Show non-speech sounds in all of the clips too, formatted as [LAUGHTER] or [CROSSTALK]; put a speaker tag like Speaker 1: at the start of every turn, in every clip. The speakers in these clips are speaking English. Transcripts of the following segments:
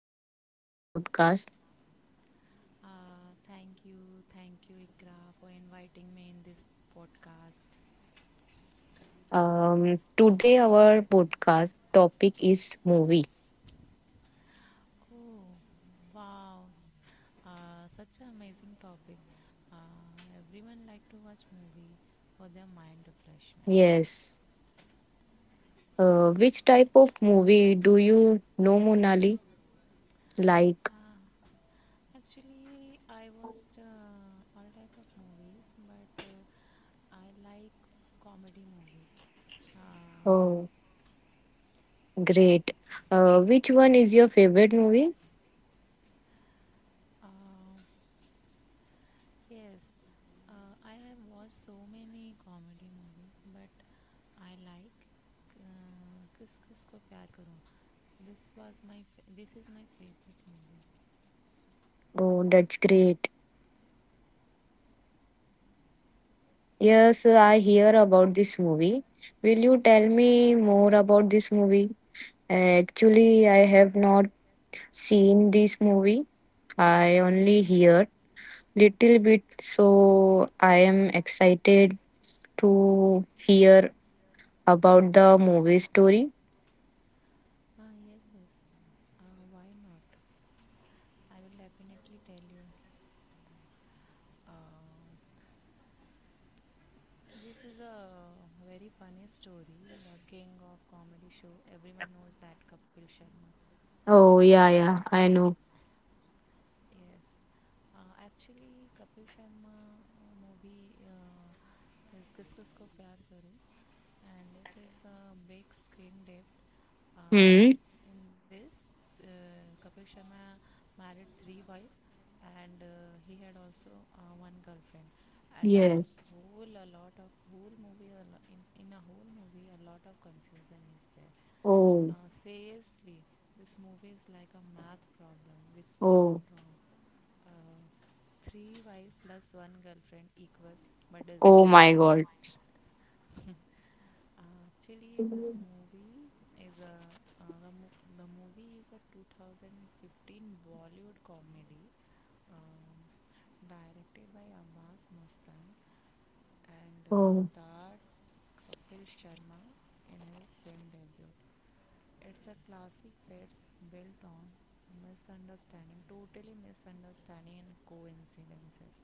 Speaker 1: Monali, for the podcast.
Speaker 2: Thank you, Ikra, for inviting me in this podcast.
Speaker 1: Today, our podcast topic is movie.
Speaker 2: Oh, wow! Such an amazing topic. Everyone like to watch movie for their mind refreshment.
Speaker 1: Yes. Which type of movie do you know, Monali? Like,
Speaker 2: Uh, actually, I watched all type of movies, but I like comedy movies. Uh,
Speaker 1: oh, great. Which one is your favorite movie?
Speaker 2: Uh, yes, I have watched so many comedy movies, but I like Kiss Kiss Ko Pyar Karo. This is my favorite movie.
Speaker 1: Oh, that's great. Yes, I hear about this movie. Will you tell me more about this movie? Actually, I have not seen this movie. I only hear little bit, so I am excited to hear about the movie story.
Speaker 2: Ah yes yes. Why not? I will definitely tell you. Uh, this is a very funny story. The king of comedy show. Everyone knows that Kapil Sharma.
Speaker 1: Oh, yeah, yeah, I know.
Speaker 2: Yes. Actually, Kapil Sharma movie is Kis Kisko Pyar Karu, and it is a big screen depth. Uh,
Speaker 1: Hmm.
Speaker 2: in this, Kapil Sharma married three wives, and he had also one girlfriend. And a
Speaker 1: Yes.
Speaker 2: whole a lot of whole movie a lo- in a whole movie a lot of confusion is there.
Speaker 1: Oh,
Speaker 2: Seriously, this movie is like a math problem which gone
Speaker 1: oh,
Speaker 2: wrong. Uh, three wife plus one girlfriend equals but
Speaker 1: oh
Speaker 2: disaster.
Speaker 1: my God.
Speaker 2: [LAUGHS] Actually, this movie is a the movie is a 2015 Bollywood comedy, um, directed by Abbas Mustan and
Speaker 1: Oh,
Speaker 2: stars Kapil Sharma in his film debut. It's a classic that's built on misunderstanding, totally misunderstanding and coincidences.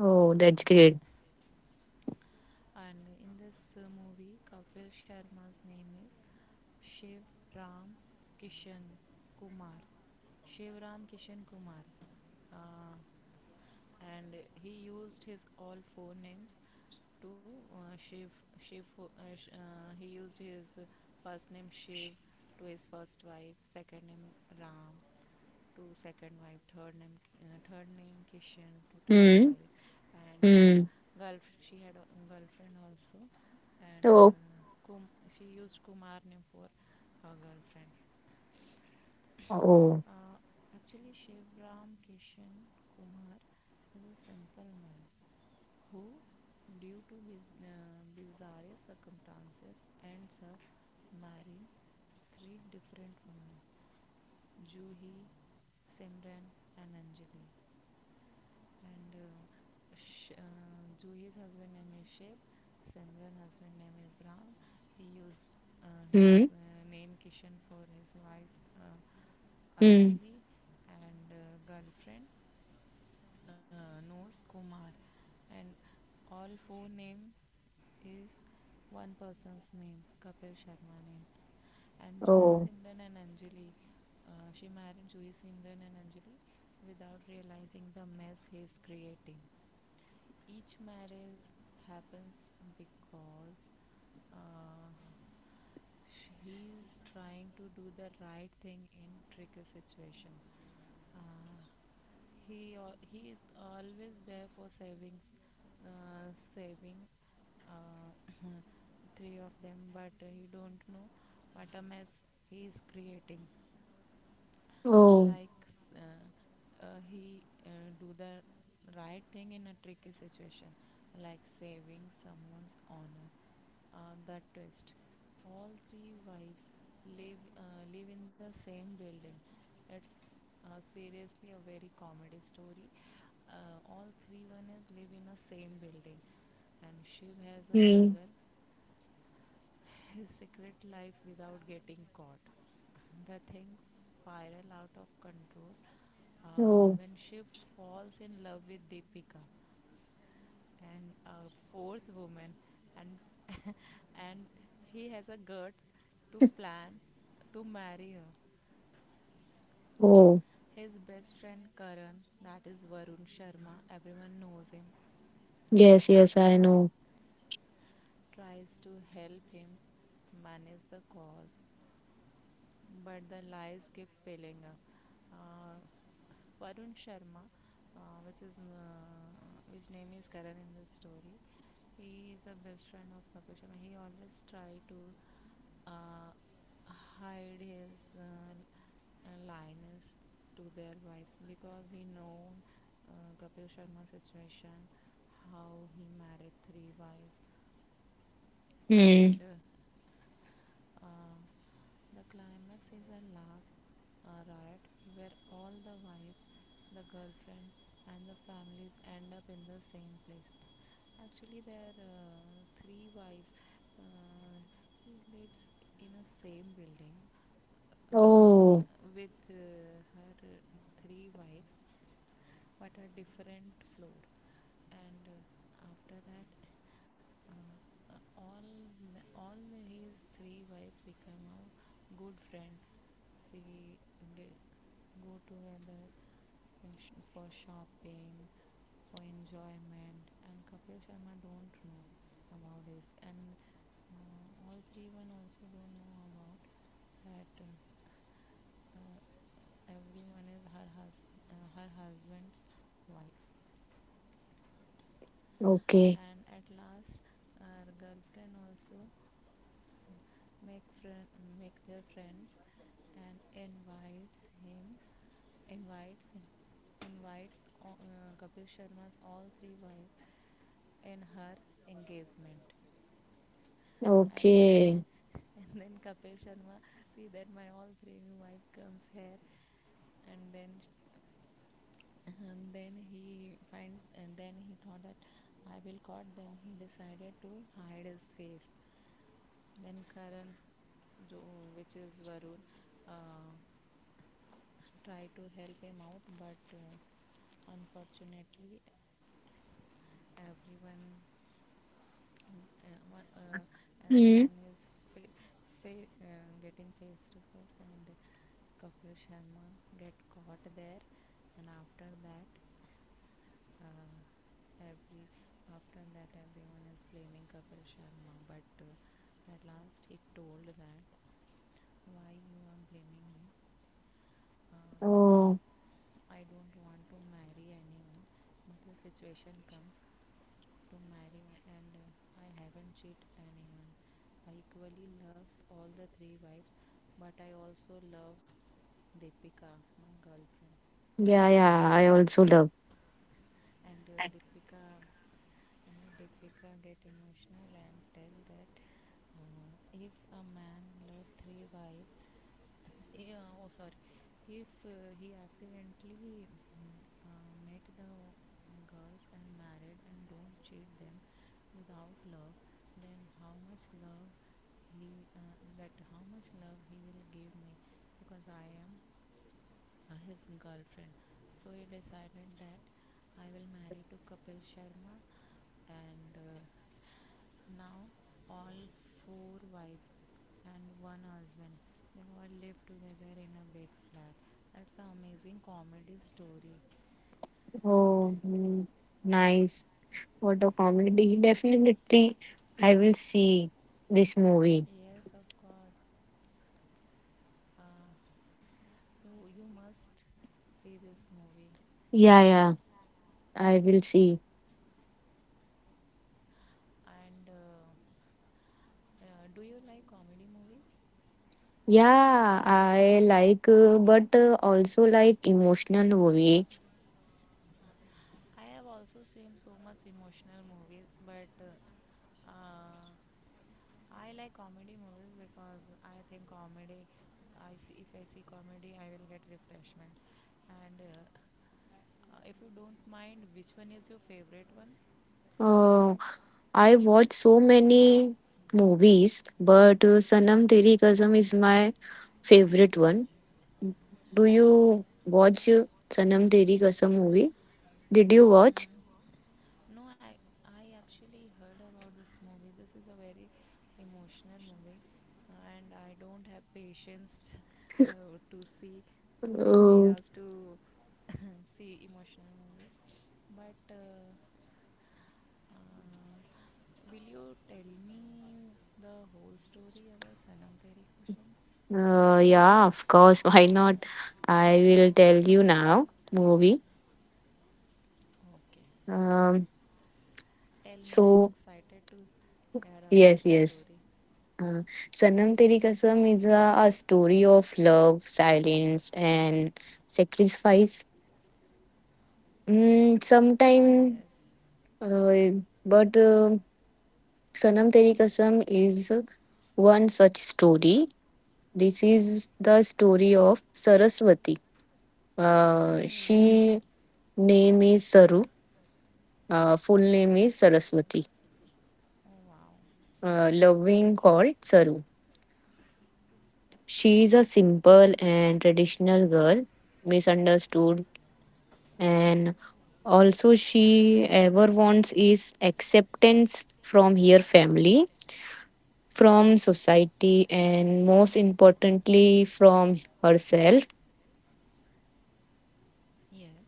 Speaker 1: oh, that's
Speaker 2: Uh, [LAUGHS]
Speaker 1: great.
Speaker 2: And in this movie, Kapil Sharma's name is Shiv Ram Kishan Kumar. Shiv Ram Kishan Kumar. Uh, and he used his all four names to Shiv. Shiv. Uh, he used his first name Shiv to his first wife, second name Ram to second wife, third name, Kishan to third
Speaker 1: Hmm.
Speaker 2: wife, and
Speaker 1: Hmm.
Speaker 2: girl. She had a girlfriend also, and
Speaker 1: Oh.
Speaker 2: she used Kumar name for her girlfriend.
Speaker 1: Oh,
Speaker 2: Uh, actually, Shivram Kishan Kumar was a simple man who, due to bizarre circumstances, ends up marrying three different women: Juhi, Simran, and Anjali. and uh, Juhi's husband name is Shiv, Simran husband name is Ram. He used
Speaker 1: hmm.
Speaker 2: his name Kishan for his wife
Speaker 1: Hmm.
Speaker 2: Anjali, and girlfriend knows Kumar, and all four name is one person's name, Kapil Sharma name. And Jui
Speaker 1: Oh,
Speaker 2: Simran and Anjali, she married Jui Simran and Anjali without realizing the mess he's creating. Each marriage happens because uh, he is trying to do the right thing in tricky situation. Uh, he is always there for savings, saving uh, [CLEARS THROAT] three of them, but he don't know what a mess he is creating,
Speaker 1: oh,
Speaker 2: like he do the right thing in a tricky situation like saving someone's honor. The twist, all three wives live in the same building. It's Seriously a very comedy story. All three one is live in a same building, and shiv has a
Speaker 1: hmm.
Speaker 2: juggle his secret life without getting caught. [LAUGHS] The things spiral out of control
Speaker 1: Oh,
Speaker 2: when Shiv falls in love with Deepika and a fourth woman, and [LAUGHS] and he has a guts to plan to marry her.
Speaker 1: oh.
Speaker 2: His best friend Karan, that is Varun Sharma, everyone knows him,
Speaker 1: Yes, yes, I
Speaker 2: uh,
Speaker 1: know.
Speaker 2: tries to help him manage the cause, but the lies keep piling up. Uh, uh, Varun Sharma, uh, which is uh, which name is Karan in this story, he is a best friend of Kapil Sharma. He always try to uh, hide his lioness to their wife because he know Kapil Sharma's situation, how he married three wives, and
Speaker 1: Hmm.
Speaker 2: the climax is a laugh riot where all the wives, the girlfriend, and the families end up in the same place. Actually, there are three wives. Uh, he lives in a same building uh, with
Speaker 1: Oh,
Speaker 2: with her three wives but a different floor, and after that, uh, all his three wives become a good friend. She they go together for shopping, for enjoyment, and Kapil Sharma don't know about this, and all three one also don't know about that, uh, everyone is her husband's wife.
Speaker 1: okay.
Speaker 2: And at last, her girlfriend also make friend, make their friends, and invites him, invites invites Kapil Sharma's all three wives in her engagement and engage.
Speaker 1: Okay.
Speaker 2: [LAUGHS] And then Kapil Sharma see that my all three wife comes here, and then he find, and then he thought that I will caught, then he decided to hide his face, then karan jo, which is varun, uh, tried to help him out, but unfortunately everyone, and uh, one, uh,
Speaker 1: Hmm.
Speaker 2: everyone is fa- getting face to face, and Kapil Sharma get caught there, and after that, uh, every after that everyone is blaming Kapil Sharma, but at last he told that why you are blaming me. uh,
Speaker 1: Oh,
Speaker 2: I don't want to marry anyone, but the situation comes to marry me, and I haven't cheated anyone. I equally loves all the three wives, but I also love Deepika, my girlfriend.
Speaker 1: yeah, yeah. I also love.
Speaker 2: And Deepika, I mean Deepika get emotional and tell that if a man love three wives, yeah, oh sorry, if he accidentally met the girls and married and don't cheat them without love, then how much love he that how much love he will give me because I am his girlfriend. So he decided that I will marry to Kapil Sharma, and now all four wives and one husband, they all live together in a big flat. That's an amazing comedy story.
Speaker 1: Oh, nice. What a comedy. Definitely, I will see this movie.
Speaker 2: Yes, of course. Uh, you must see this movie.
Speaker 1: Yeah, yeah. I will see.
Speaker 2: And do you like comedy movies?
Speaker 1: Yeah, I like, but also like emotional movie.
Speaker 2: I have also seen so much emotional movies, but uh, I like comedy movies because I think comedy. I see, if I see comedy, I will get refreshment. And if you don't mind, which one is your favorite one?
Speaker 1: Uh, I watch so many movies, but Sanam Teri Kasam is my favorite one. Do you watch Sanam Teri Kasam movie? Did you watch?
Speaker 2: Mm, no, I actually heard about this movie. This is a very emotional movie, and I don't have patience [LAUGHS] to see two to three
Speaker 1: Uh,
Speaker 2: hours to [LAUGHS] see emotional movie. But uh, will you tell me the whole story about Sanam Teri Khusham?
Speaker 1: yeah, of course. [LAUGHS] Why not? I will tell you now. Movie.
Speaker 2: Okay,
Speaker 1: Um,
Speaker 2: tell me. I am
Speaker 1: so
Speaker 2: excited to hear about
Speaker 1: yes,
Speaker 2: the
Speaker 1: yes.
Speaker 2: story.
Speaker 1: Uh, Sanam Teri Kasam is a story of love, silence, and sacrifice. Sometime,
Speaker 2: Yes.
Speaker 1: uh, but Sanam Teri Kasam is one such story. This is the story of Saraswati.
Speaker 2: Oh, yes, yes.
Speaker 1: She name is Saru. Full name is Saraswati.
Speaker 2: Oh, wow.
Speaker 1: Loving called Saru. She is a simple and traditional girl, misunderstood, and also she ever wants is acceptance from her family, from society, and most importantly from herself.
Speaker 2: Yes,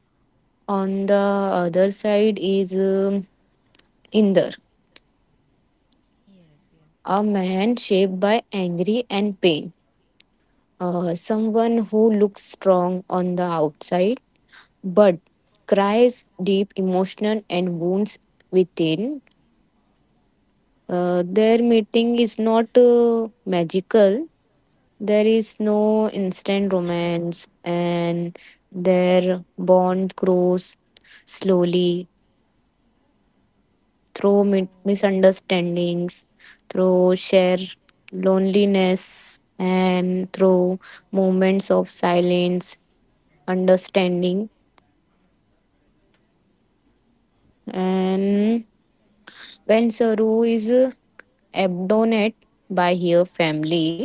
Speaker 1: On the other side is Inder.
Speaker 2: yes, yes.
Speaker 1: A man shaped by anger and pain. Someone who looks strong on the outside but cries deep emotion and wounds within. Their meeting is not magical. There is no instant romance and their bond grows slowly through
Speaker 2: Oh,
Speaker 1: misunderstandings, through shared loneliness, and through moments of silence, understanding.
Speaker 2: ye-
Speaker 1: And when Saru is abandoned by her family,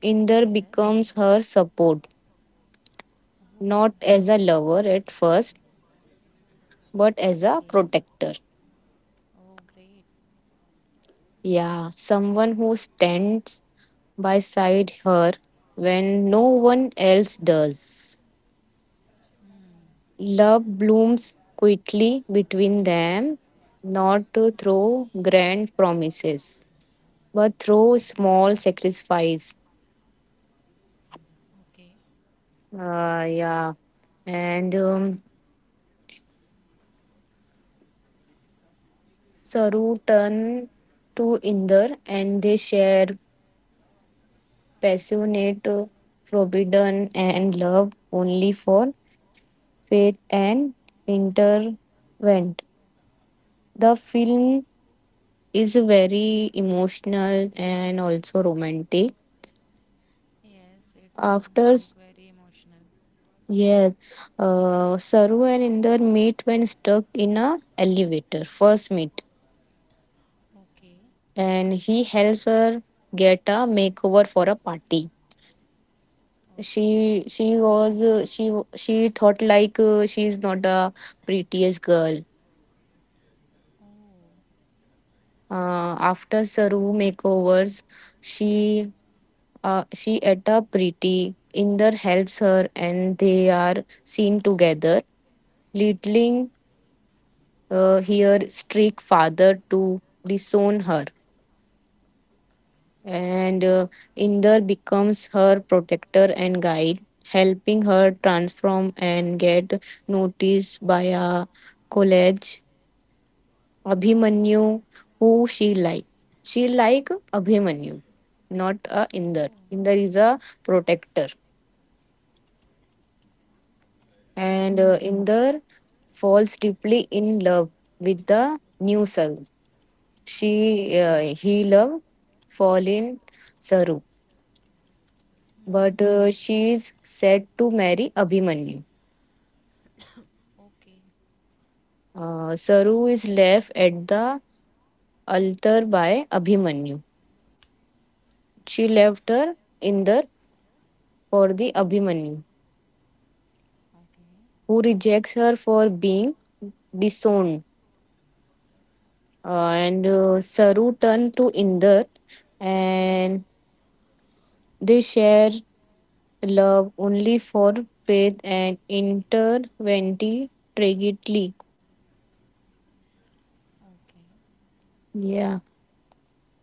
Speaker 1: Inder
Speaker 2: yes.
Speaker 1: becomes her support, not
Speaker 2: Oh,
Speaker 1: as a lover at first, but as a
Speaker 2: okay.
Speaker 1: protector.
Speaker 2: Oh, great.
Speaker 1: Yeah, someone who stands by side her when no one else does.
Speaker 2: Hmm.
Speaker 1: Love blooms quietly between them, not through grand promises, but through small sacrifice.
Speaker 2: Okay.
Speaker 1: Yeah. And Saru turn to Inder and they share passionate, forbidden, and love only for faith and intervent. The film is very emotional and also romantic.
Speaker 2: Yes, it sounds
Speaker 1: After.
Speaker 2: like very emotional.
Speaker 1: Yes, Saru and Inder meet when stuck in a elevator. First meet,
Speaker 2: Okay.
Speaker 1: and he helps her get a makeover for a party.
Speaker 2: Okay.
Speaker 1: She she thought like she's not a prettiest girl.
Speaker 2: Oh,
Speaker 1: After Saru makeovers, she she at a pretty. Inder helps her, and they are seen together. Littling here strict father to disown her and Inder becomes her protector and guide, helping her transform and get noticed by a college Abhimanyu
Speaker 2: yes.
Speaker 1: who she like. She like Abhimanyu, not a Inder.
Speaker 2: Oh.
Speaker 1: Inder is a protector, and
Speaker 2: Hmm.
Speaker 1: Inder falls deeply in love with the new Saru. She
Speaker 2: Okay.
Speaker 1: He love fall in Saru, but
Speaker 2: Hmm.
Speaker 1: she is set to marry Abhimanyu.
Speaker 2: [COUGHS] Okay.
Speaker 1: Saru is left at the altar by Abhimanyu. She left her in for the Abhimanyu,
Speaker 2: Okay.
Speaker 1: who rejects her for being disowned. Uh, and Saru turned to Indar, and they share love only for faith and interventy tragically.
Speaker 2: Okay.
Speaker 1: Yeah.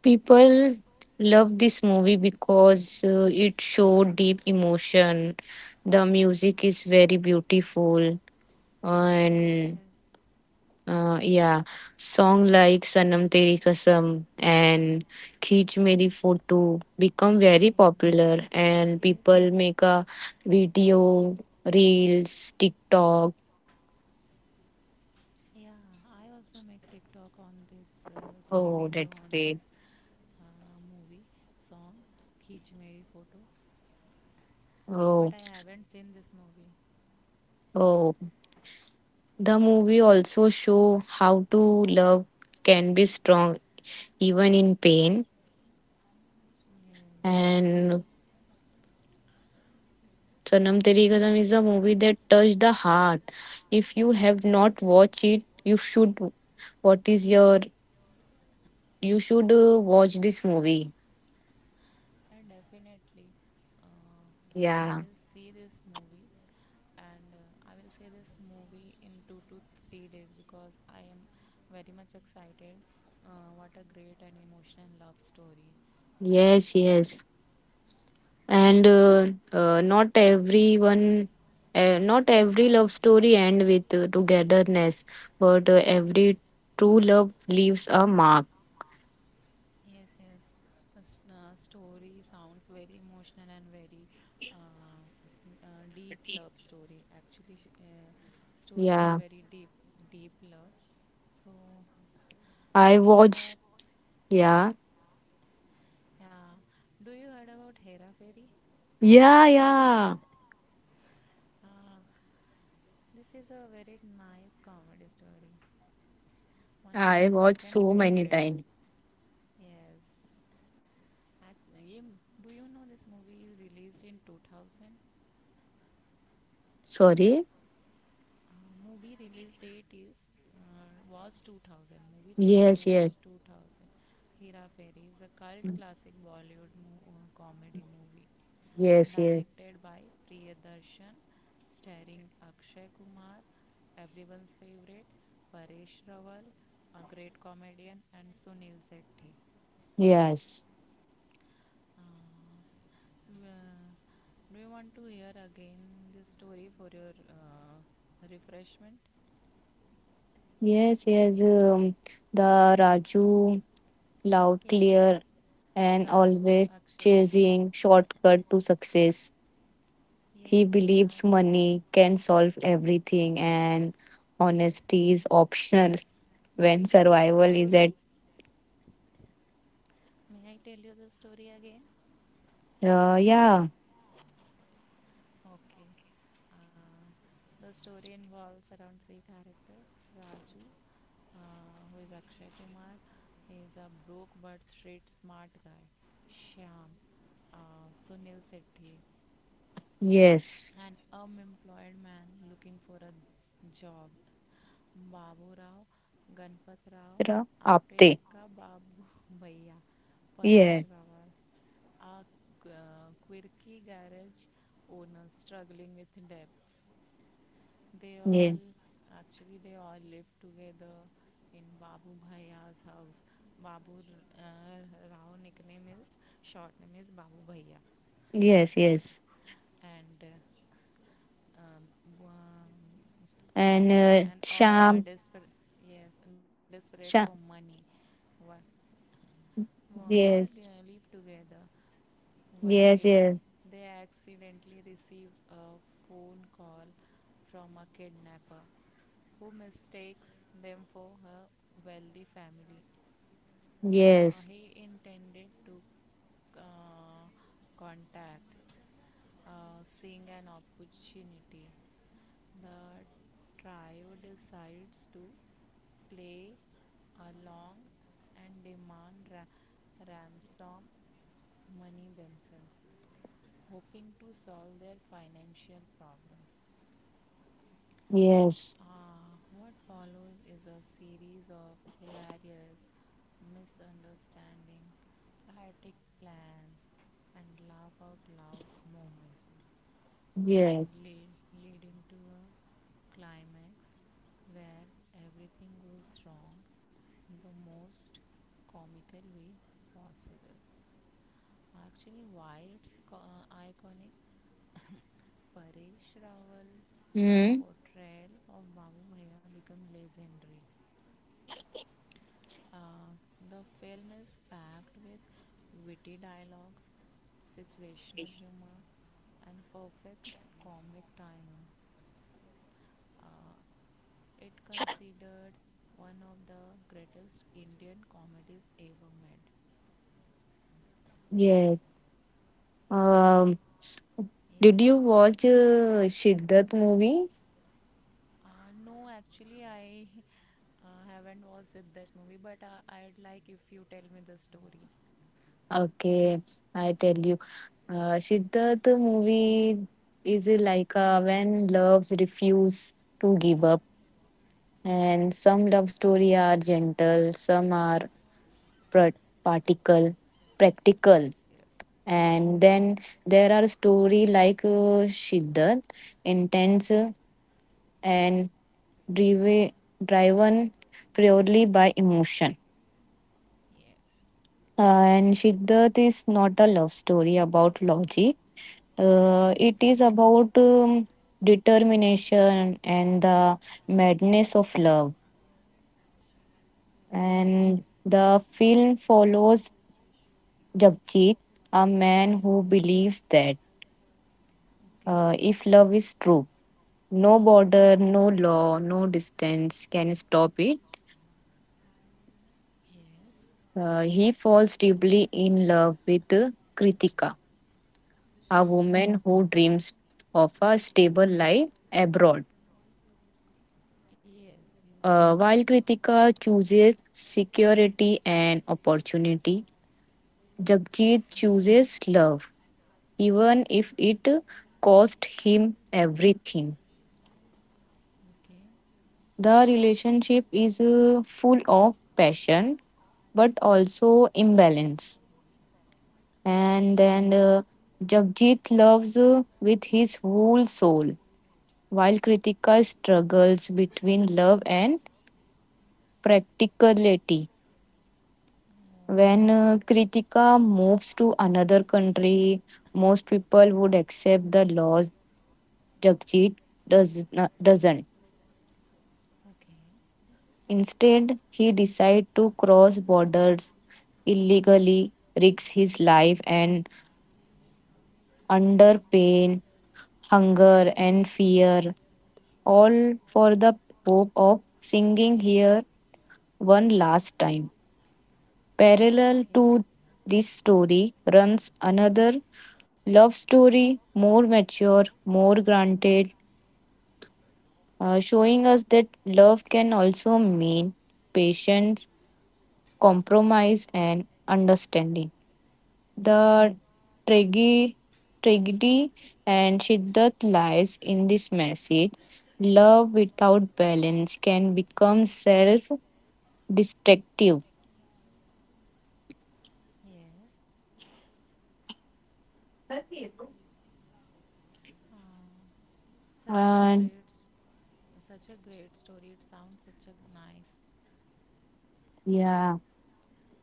Speaker 1: People love this movie because it showed deep emotion. The music is very beautiful,
Speaker 2: Yes,
Speaker 1: and
Speaker 2: yes.
Speaker 1: yeah, song like "Sanam Teri Kasam" and "Khich Meri Photo" become very popular, and
Speaker 2: Yes. Yes,
Speaker 1: people
Speaker 2: yes.
Speaker 1: make a video, reels, TikTok.
Speaker 2: Yeah, I also make TikTok on this, sorry,
Speaker 1: Oh,
Speaker 2: video
Speaker 1: that's
Speaker 2: on
Speaker 1: great.
Speaker 2: this movie song, Khich Meri Photo. But
Speaker 1: Oh,
Speaker 2: I haven't seen this movie.
Speaker 1: oh. The movie also show how to love can be strong even in pain.
Speaker 2: Yes,
Speaker 1: And Sanam Teri Kasam is a movie that touched the heart. If you have not watched it, you should. What is your? You should watch this movie.
Speaker 2: and definitely uh, I
Speaker 1: Yeah.
Speaker 2: will see this movie, and I will see this movie in 2 to 3 days because I am very much excited. What a great and emotional love story! And
Speaker 1: Yes. Yes. And
Speaker 2: uh,
Speaker 1: uh, uh, not everyone. Not every love story end with togetherness, but every true love leaves a mark.
Speaker 2: yes, yes. The story sounds very emotional and very uh, deep love story. Actually, story is
Speaker 1: Yeah,
Speaker 2: very deep, deep love. So
Speaker 1: I
Speaker 2: after
Speaker 1: watch.
Speaker 2: that,
Speaker 1: Yeah,
Speaker 2: yeah. Do you heard about Hera Fairy?
Speaker 1: yeah, yeah.
Speaker 2: Uh, this is a very nice comedy story. One of
Speaker 1: I
Speaker 2: my
Speaker 1: watched
Speaker 2: second
Speaker 1: so many
Speaker 2: favorite.
Speaker 1: times.
Speaker 2: Yes. At, you- do you know this movie is released in 2000? Uh,
Speaker 1: Sorry.
Speaker 2: movie release date is was 2000. Movie release
Speaker 1: Yes,
Speaker 2: date
Speaker 1: yes,
Speaker 2: was 2000. Hera Fairy is a cult classic Bollywood comedy movie
Speaker 1: yes, yes,
Speaker 2: directed by Priyadarshan, starring Akshay Kumar, everyone's favorite, Paresh Rawal, a great comedian, and Sunil Shetty.
Speaker 1: yes,
Speaker 2: Well, do you want to hear again the story for your refreshment?
Speaker 1: yes, yes. The Raju, loud,
Speaker 2: Yes,
Speaker 1: clear,
Speaker 2: yes.
Speaker 1: and
Speaker 2: Raju,
Speaker 1: always
Speaker 2: Akshay Kumar.
Speaker 1: chasing shortcut to success.
Speaker 2: Yes,
Speaker 1: He
Speaker 2: yes,
Speaker 1: believes
Speaker 2: Raju.
Speaker 1: money can solve everything, and
Speaker 2: Yes, yes.
Speaker 1: honesty is optional [LAUGHS]
Speaker 2: May I
Speaker 1: when
Speaker 2: tell you the
Speaker 1: survival is at.
Speaker 2: story? May I tell you the story again?
Speaker 1: Yeah.
Speaker 2: Okay. Uh, the story involves around three characters: Raju, who is Akshay Kumar, he is a broke but street smart guy, Shyam, Sunil Sethi,
Speaker 1: Yes.
Speaker 2: an unemployed man looking for a job. Babu Rao Ganpat Rao Apte
Speaker 1: Aapte.
Speaker 2: अक्का बाबू भैया Paresh
Speaker 1: Yeah.
Speaker 2: Rawal, a quirky garage owner struggling with debt. They all
Speaker 1: Yeah.
Speaker 2: they all live together in Babu Bhaya's house. Babu uh, Rao nickname is short name is Babu Bhaiya,
Speaker 1: Yes. Yes.
Speaker 2: and um, um,
Speaker 1: And
Speaker 2: all are
Speaker 1: Sham.
Speaker 2: desperate, yes, desperate for money. Wha- all
Speaker 1: Yes.
Speaker 2: live together. One day
Speaker 1: Yes. Yes.
Speaker 2: they accidentally receive a phone call from a kidnapper who mistakes them for her wealthy family
Speaker 1: Yes.
Speaker 2: he intended to uh, contact, seeing an opportunity. The trio decides to play along and demand ransom money themselves, hoping to solve their financial problems.
Speaker 1: Yes.
Speaker 2: What follows is a series of hilarious misunderstandings, chaotic plans, and laugh out loud moments, uh,
Speaker 1: Yes.
Speaker 2: lead, leading to a climax where everything goes wrong in the most comical way possible. Actually, why it's iconic? [LAUGHS] Paresh Rawal's
Speaker 1: Hmm.
Speaker 2: portrayal of Babu Bhaiya became legendary. Uh, the film is packed with witty dialogues, situational humor, and perfect comic timing. Uh, it considered one of the greatest Indian comedies ever made.
Speaker 1: Yes. Um, did you
Speaker 2: Yes.
Speaker 1: watch Siddharth movie?
Speaker 2: No, actually, I [LAUGHS] haven't watched it, that movie, but I'd like if you tell me the story.
Speaker 1: Okay, I tell you, Siddharth movie is like when loves refuse to give up, and some love story are gentle, some are pr- particle, practical,
Speaker 2: Yes, yes, yes,
Speaker 1: and
Speaker 2: yes,
Speaker 1: then there are story like Siddharth, intense and drive, driven purely by emotion.
Speaker 2: yes.
Speaker 1: And Siddharth is not a love story about logic. It
Speaker 2: Okay.
Speaker 1: is about determination and the madness of love. And
Speaker 2: Yes.
Speaker 1: the film follows Jagjit, a man who believes that
Speaker 2: Okay.
Speaker 1: if love is true, no border, no law, no distance can stop it.
Speaker 2: Yes.
Speaker 1: He falls deeply in love with Kritika, a
Speaker 2: Hmm.
Speaker 1: woman who dreams of a stable life abroad.
Speaker 2: Yes. Yes.
Speaker 1: While Kritika chooses security and opportunity, Jagjit chooses love, even if it cost him everything.
Speaker 2: Okay.
Speaker 1: The relationship is full of passion but also imbalance. And
Speaker 2: Okay.
Speaker 1: then Jagjit loves with his whole soul, while Kritika struggles between love and practicality.
Speaker 2: Oh.
Speaker 1: When Kritika moves to another country, most people would accept the laws. Jagjit doesn't.
Speaker 2: Okay.
Speaker 1: Instead, he decides to cross borders illegally, risks his life, and under pain, hunger, and fear, all for the hope of singing here one last time. Parallel
Speaker 2: Okay.
Speaker 1: to this story runs another love story, more mature, more granted, showing us that love can also mean patience, compromise, and understanding. The
Speaker 2: Yes.
Speaker 1: tragi- tragedy and Shiddat lies in this message. Love without balance can become self destructive.
Speaker 2: Yes. Oh, such a
Speaker 1: And
Speaker 2: great. Such a great story. It sounds such a nice.
Speaker 1: yeah.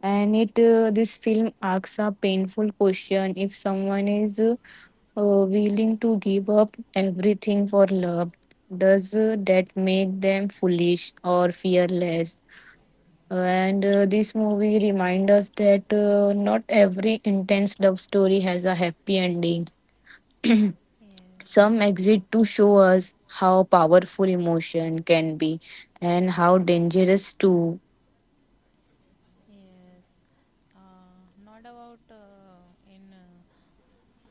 Speaker 1: and it this film asks a painful question. If someone is willing to give up everything for love, does that make them foolish or fearless? And this movie reminds us that not every intense love story has a happy ending.
Speaker 2: Yes.
Speaker 1: Some
Speaker 2: Not.
Speaker 1: exit to show us how powerful emotion can be and how dangerous too.
Speaker 2: Yes. Not about in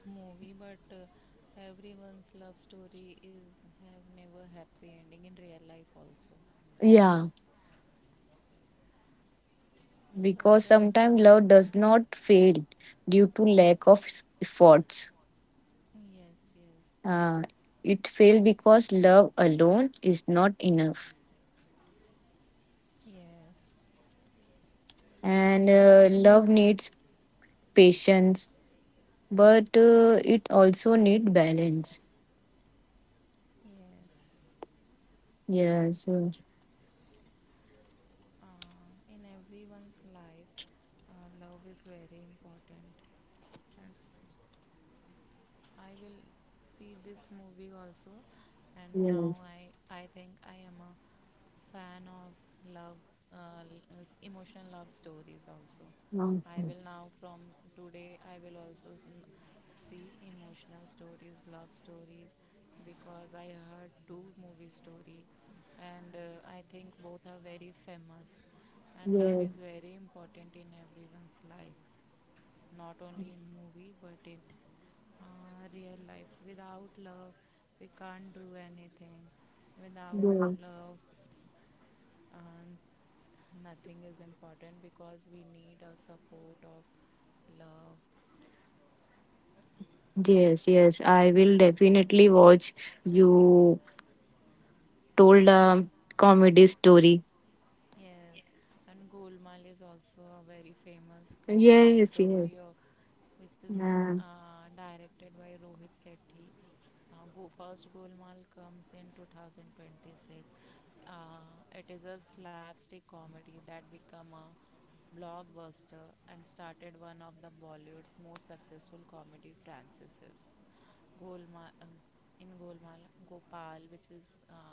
Speaker 2: movie, but everyone's love story is have never happy ending in real life also.
Speaker 1: Yeah,
Speaker 2: Such
Speaker 1: because
Speaker 2: a
Speaker 1: sometimes love does not fail due to lack of efforts.
Speaker 2: yes, yes,
Speaker 1: Uh, it fails because love alone is not enough.
Speaker 2: yes.
Speaker 1: And
Speaker 2: Actually,
Speaker 1: love needs patience, but it also needs balance.
Speaker 2: yes.
Speaker 1: Yes,
Speaker 2: In everyone's life, love is very important, and I will see this movie also, and now
Speaker 1: yes,
Speaker 2: I think I am a fan of love, emotional love stories also.
Speaker 1: um,
Speaker 2: I will now from today, I will also see emotional stories, love stories, because I heard two movie story, and I think both are very famous, and love
Speaker 1: yes,
Speaker 2: is very important in everyone's life, not only in movie but in real life. Without love, we can't do anything without
Speaker 1: yes,
Speaker 2: love, and nothing is important because we need a support of love.
Speaker 1: yes, yes. I will definitely watch. You told
Speaker 2: uh,
Speaker 1: a comedy story.
Speaker 2: Yes, and Golmaal is also a very famous comedy
Speaker 1: Yes, yes,
Speaker 2: story, which is
Speaker 1: uh,
Speaker 2: directed by Rohit Sethi. First Golmaal comes in 2026. Uh, it is a slapstick comedy that became a blockbuster and started one of the Bollywood's most successful comedy franchises. Golmaal in Golmaal, Gopal, which is uh,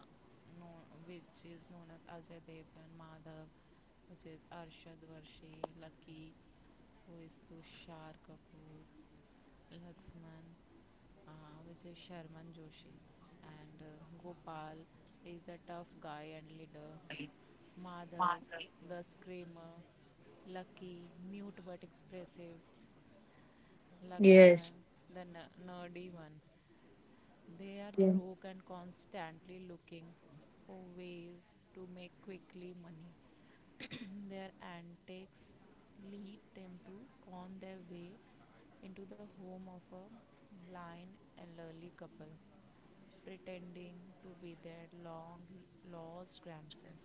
Speaker 2: known, which is known as Ajay Devgan, Madhav, which is Arshad Varshi, Lucky, who is Tushar Kapoor, Laxman, which is Sharman Joshi, and Gopal is the tough guy and leader, Madhav, the screamer, Lucky, mute but expressive, Lakshman,
Speaker 1: yes,
Speaker 2: the nerdy one. They are
Speaker 1: yes,
Speaker 2: broke and constantly looking for ways to make quickly money. [CLEARS THROAT] Their antics lead them to con their way into the home of a blind elderly couple, pretending to be their long lost grandson.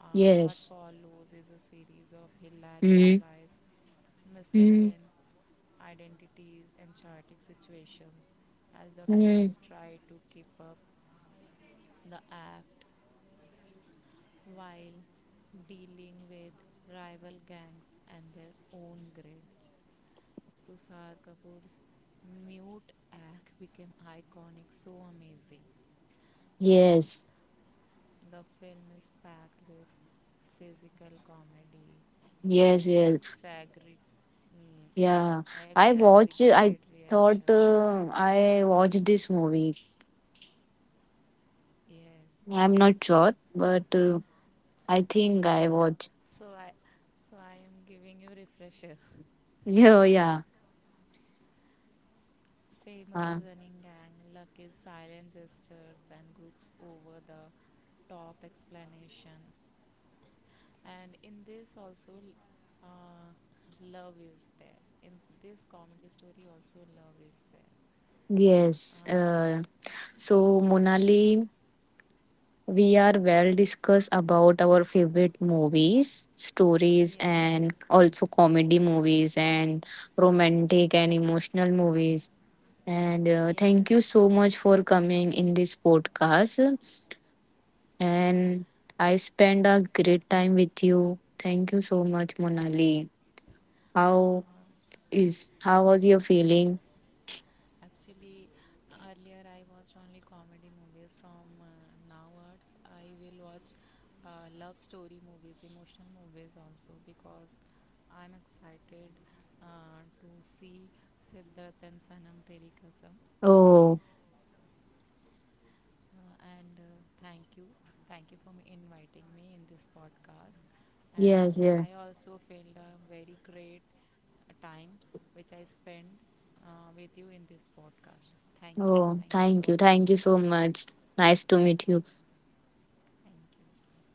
Speaker 2: What
Speaker 1: yes.
Speaker 2: follows is a series of hilarious
Speaker 1: Mm-hmm.
Speaker 2: lies, mistaken identities, and chaotic situations as the friends try to keep up the act while dealing with rival gangs and their own greed. Tushar Kapoor's mute act became iconic, so amazing. Uh,
Speaker 1: Yes,
Speaker 2: The film is packed with physical comedy,
Speaker 1: yes, yes.
Speaker 2: exaggerate,
Speaker 1: Yeah, I watch.
Speaker 2: exaggerated
Speaker 1: I thought
Speaker 2: reactions.
Speaker 1: I watched this movie.
Speaker 2: Yes.
Speaker 1: I'm not sure, but I think I
Speaker 2: Uh,
Speaker 1: watched. [LAUGHS]
Speaker 2: so I, so I am giving you refresher.
Speaker 1: Yeah, yeah.
Speaker 2: [LAUGHS] Famous
Speaker 1: Uh,
Speaker 2: running gang, lucky silent gestures, and groups over the top explanation. And in this also, uh, love is there. In this comedy story also, love is there.
Speaker 1: yes.
Speaker 2: Uh,
Speaker 1: So, Monali, we are well discussed about our favorite movies, stories,
Speaker 2: yes,
Speaker 1: and also comedy movies and romantic and emotional movies. And thank
Speaker 2: yes.
Speaker 1: you so much for coming in this podcast. And I spend a great time with you. Thank you so much, Monali.
Speaker 2: Uh,
Speaker 1: How how was your feeling?
Speaker 2: actually, earlier I watched only comedy movies. From nowwards, I will watch love story movies, emotional movies also because I'm excited to see Siddharth and Sanam Teri Kasam.
Speaker 1: Oh,
Speaker 2: And Thank you. Thank you for inviting me in this podcast. And
Speaker 1: yes, yes.
Speaker 2: I also felt a very great time which I spent with you in this podcast. Thank you.
Speaker 1: Oh,
Speaker 2: Thank you
Speaker 1: thank
Speaker 2: so
Speaker 1: you.
Speaker 2: much.
Speaker 1: Thank you so much. Nice to meet you.
Speaker 2: Thank you.